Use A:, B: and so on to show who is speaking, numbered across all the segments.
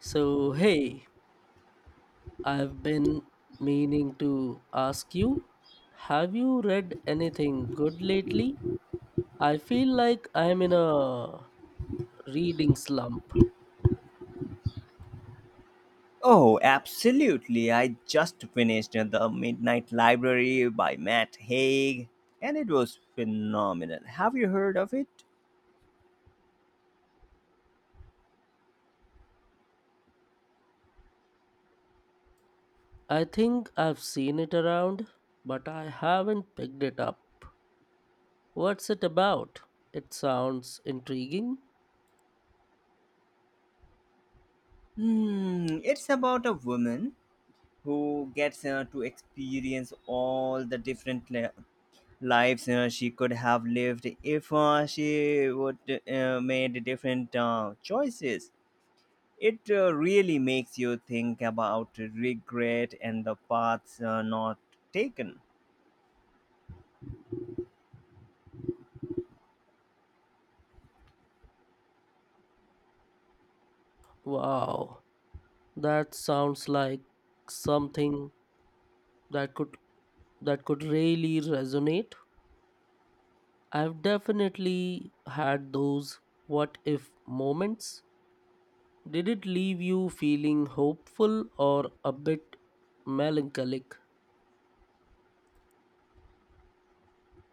A: So, hey, I've been meaning to ask you, have you read anything good lately? I feel like I'm in a reading slump.
B: Oh, absolutely. I just finished The Midnight Library by Matt Haig, and it was phenomenal. Have you heard of it?
A: I think I've seen it around, but I haven't picked it up. What's it about? It sounds intriguing.
B: Hmm, it's about a woman who gets to experience all the different lives she could have lived if she would made different choices. It really makes you think about regret and the paths not taken.
A: Wow, that sounds like something that could that could really resonate. I've definitely had those what if moments. Did it leave you feeling hopeful or a bit melancholic?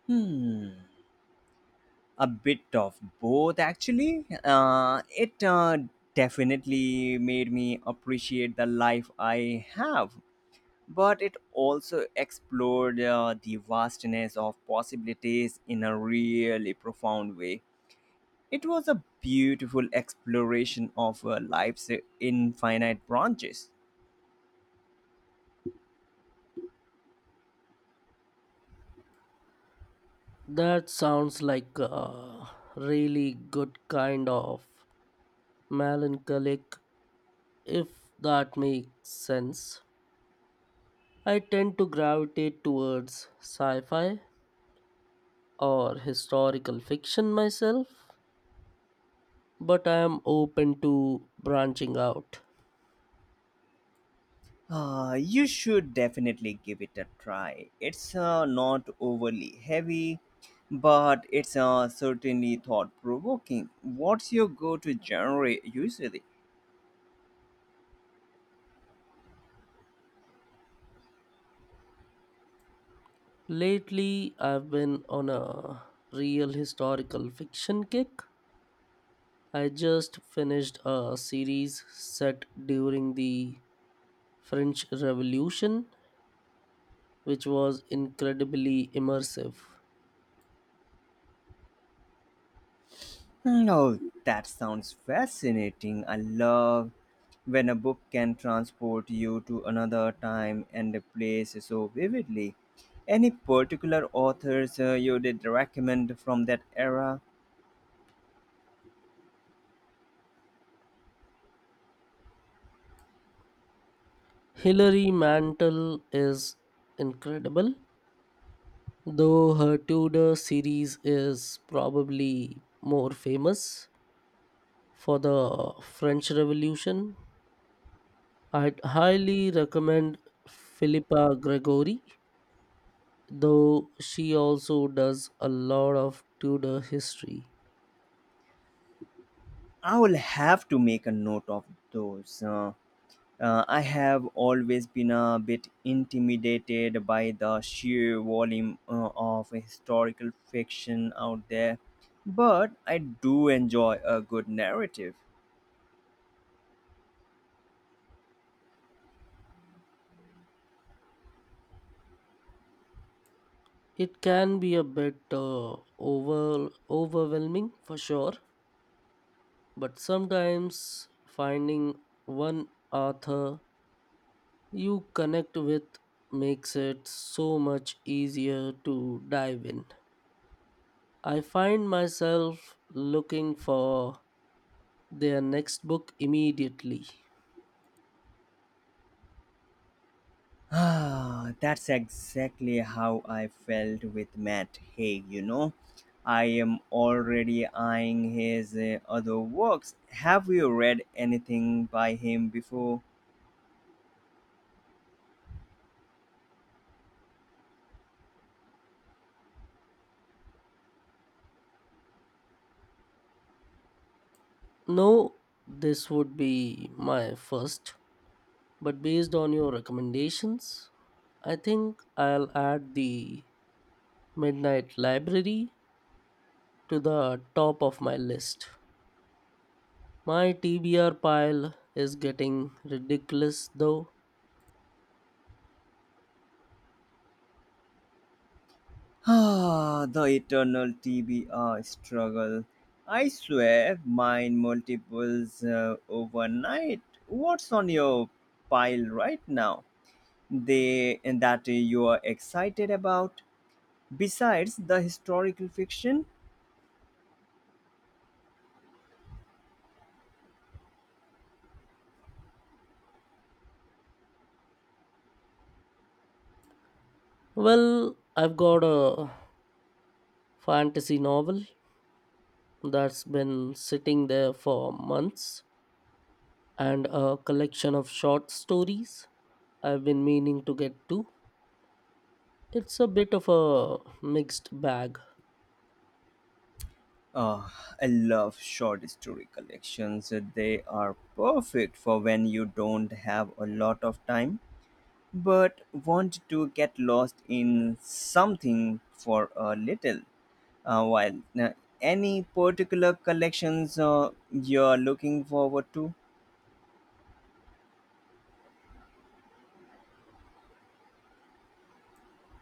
B: Hmm, a bit of both, actually. It definitely made me appreciate the life I have, but it also explored the vastness of possibilities in a really profound way. It was a beautiful exploration of life's infinite branches.
A: That sounds like a really good kind of melancholic, if that makes sense. I tend to gravitate towards sci fi or historical fiction myself, but I am open to branching out.
B: You should definitely give it a try. It's not overly heavy, but it's certainly thought provoking. What's your go to genre usually?
A: Lately, I've been on a real historical fiction kick. I just finished a series set during the French Revolution, which was incredibly immersive.
B: No, that sounds fascinating. I love when a book can transport you to another time and a place so vividly. Any particular authors you did recommend from that era?
A: Hilary Mantel is incredible, though her Tudor series is probably more famous for the French Revolution. I'd highly recommend Philippa Gregory, though she also does a lot of Tudor history.
B: I will have to make a note of those. I have always been a bit intimidated by the sheer volume of historical fiction out there, but I do enjoy a good narrative.
A: It can be a bit overwhelming for sure, but sometimes finding one author you connect with makes it so much easier to dive in. I find myself looking for their next book immediately.
B: Ah, that's exactly how I felt with Matt Haig, you know. I am already eyeing his other works. Have you read anything by him before?
A: No, this would be my first. But based on your recommendations, I think I'll add the Midnight Library to the top of my list. My TBR pile is getting ridiculous though.
B: Ah, the eternal TBR struggle. I swear, mine multiples overnight. What's on your pile right now? They that you are excited about. Besides the historical fiction,
A: Well, I've got a fantasy novel that's been sitting there for months and a collection of short stories I've been meaning to get to. It's a bit of a mixed bag.
B: ah, I love short story collections. They are perfect for when you don't have a lot of time, but want to get lost in something for a little while. Now, any particular collections you're looking forward to?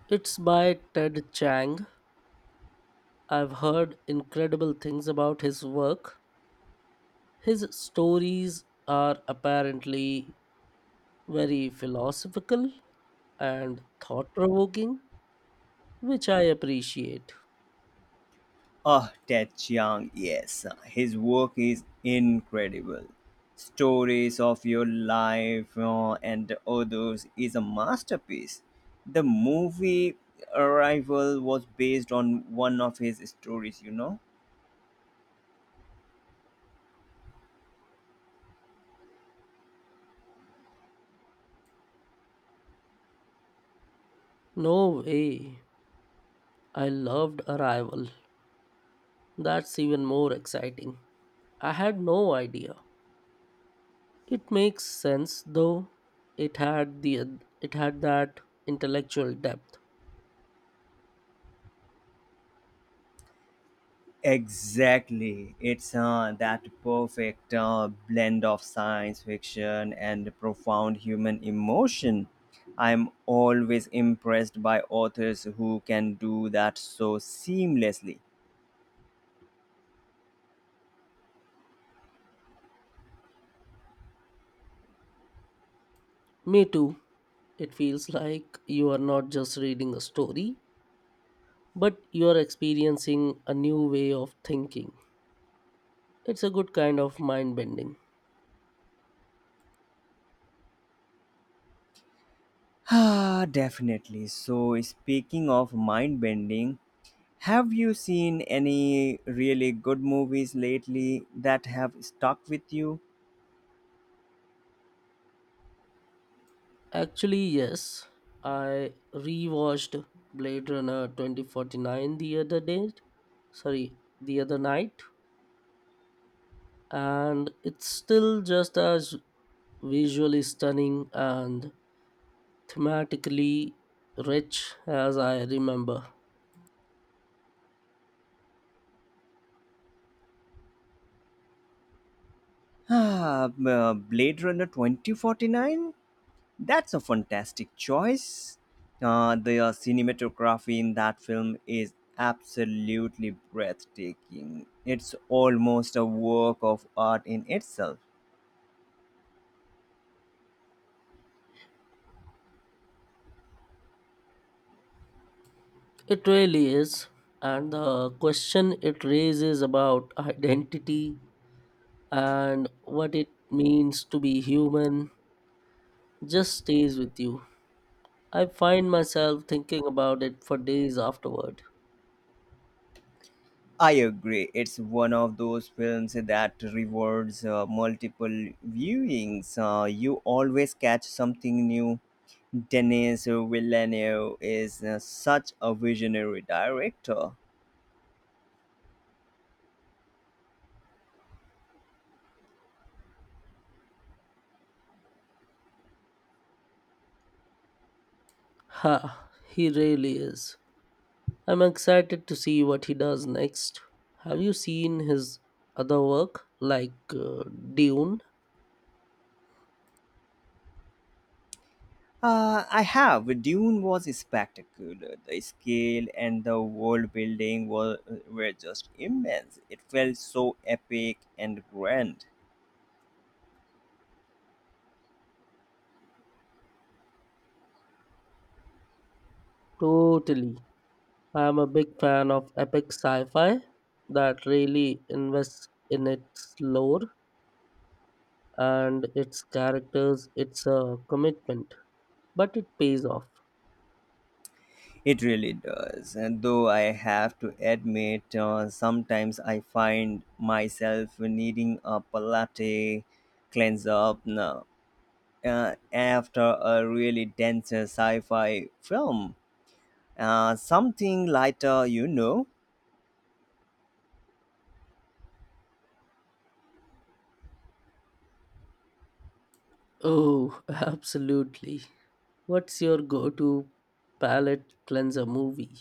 A: It's by Ted Chang. I've heard incredible things about his work. His stories are apparently very philosophical and thought provoking, which I appreciate.
B: Oh, Ted Chiang, yes. His work is incredible. Stories of Your Life and Others is a masterpiece. The movie Arrival was based on one of his stories, you know?
A: No way. I loved Arrival. That's even more exciting. I had no idea. It makes sense though. It had that intellectual depth.
B: Exactly. It's that perfect blend of science fiction and profound human emotion. I'm always impressed by authors who can do that so seamlessly.
A: Me too. It feels like you are not just reading a story, but you are experiencing a new way of thinking. It's a good kind of mind bending.
B: Ah, definitely. So, speaking of mind bending, have you seen any really good movies lately that have stuck with you?
A: Actually, yes, I rewatched Blade Runner 2049 the other day. Sorry, the other night. And it's still just as visually stunning and thematically rich as I remember.
B: Ah, Blade Runner 2049? That's a fantastic choice. The cinematography in that film is absolutely breathtaking. It's almost a work of art in itself.
A: It really is. And the question it raises about identity and what it means to be human just stays with you. I find myself thinking about it for days afterward.
B: I agree. It's one of those films that rewards multiple viewings. You always catch something new. Denis Villeneuve is such a visionary director.
A: Ha, he really is. I'm excited to see what he does next. Have you seen his other work, like Dune?
B: I have. Dune was spectacular. The scale and the world building were just immense. It felt so epic and grand.
A: Totally. I'm a big fan of epic sci fi that really invests in its lore and its characters. It's a commitment, but it pays off.
B: It really does. And though I have to admit, sometimes I find myself needing a palate cleanse up now. After a really dense sci fi film, something lighter, you know.
A: Oh, absolutely. What's your go to palate cleanser movie?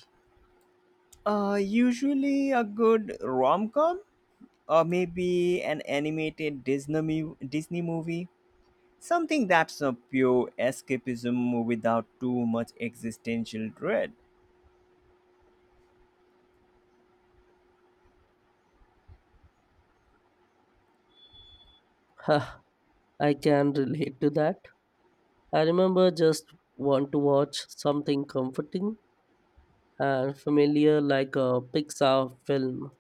B: Usually a good rom com or maybe an animated Disney movie, something that's a pure escapism without too much existential dread.
A: Huh, I can relate to that. I remember just want to watch something comforting and familiar like a Pixar film.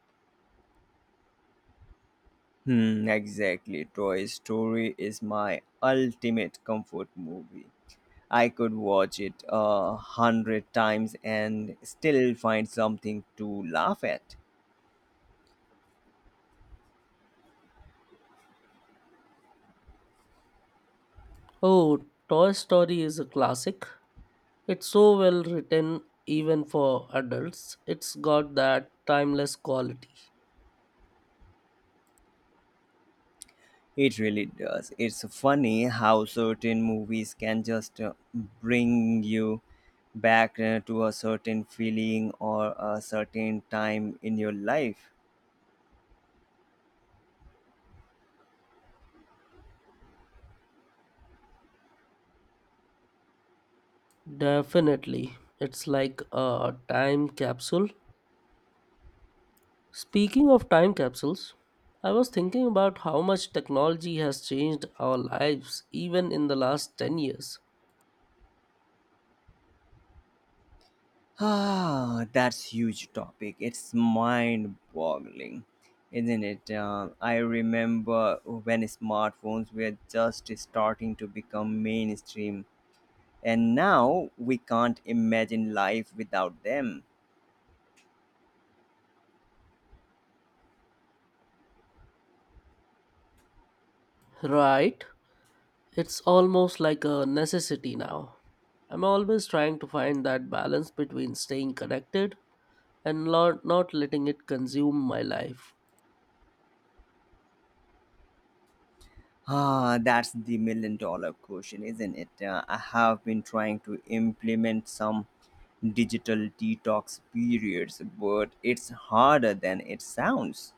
B: Hmm, exactly. Toy Story is my ultimate comfort movie. I could watch it a hundred times and still find something to laugh at.
A: Oh, Toy Story is a classic. It's so well written even for adults. It's got that timeless quality.
B: It really does. It's funny how certain movies can just bring you back to a certain feeling or a certain time in your life.
A: Definitely. It's like a time capsule. Speaking of time capsules, I was thinking about how much technology has changed our lives even in the last 10 years.
B: Ah, that's huge topic. It's mind-boggling, isn't it? I remember when smartphones were just starting to become mainstream, and now we can't imagine life without them.
A: Right? It's almost like a necessity now. I'm always trying to find that balance between staying connected and not letting it consume my life.
B: Ah, that's the million dollar question, isn't it? I have been trying to implement some digital detox periods, but it's harder than it sounds.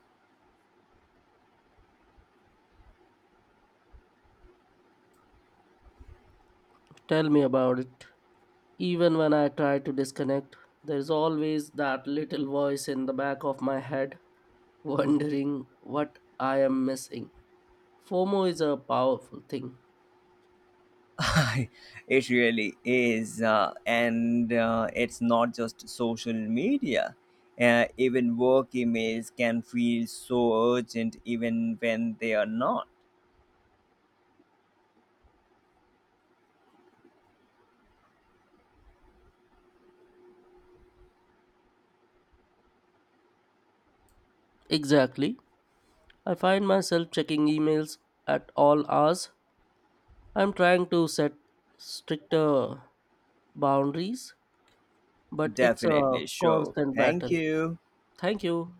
A: Tell me about it. Even when I try to disconnect, there's always that little voice in the back of my head wondering what I am missing. FOMO is a powerful thing.
B: It really is. And it's not just social media. Even work emails can feel so urgent, even when they are not.
A: Exactly. I find myself checking emails at all hours. I'm trying to set stricter boundaries, but it's a
B: Definitely. Sure.
A: constant
B: Thank
A: battle.
B: you.
A: Thank you.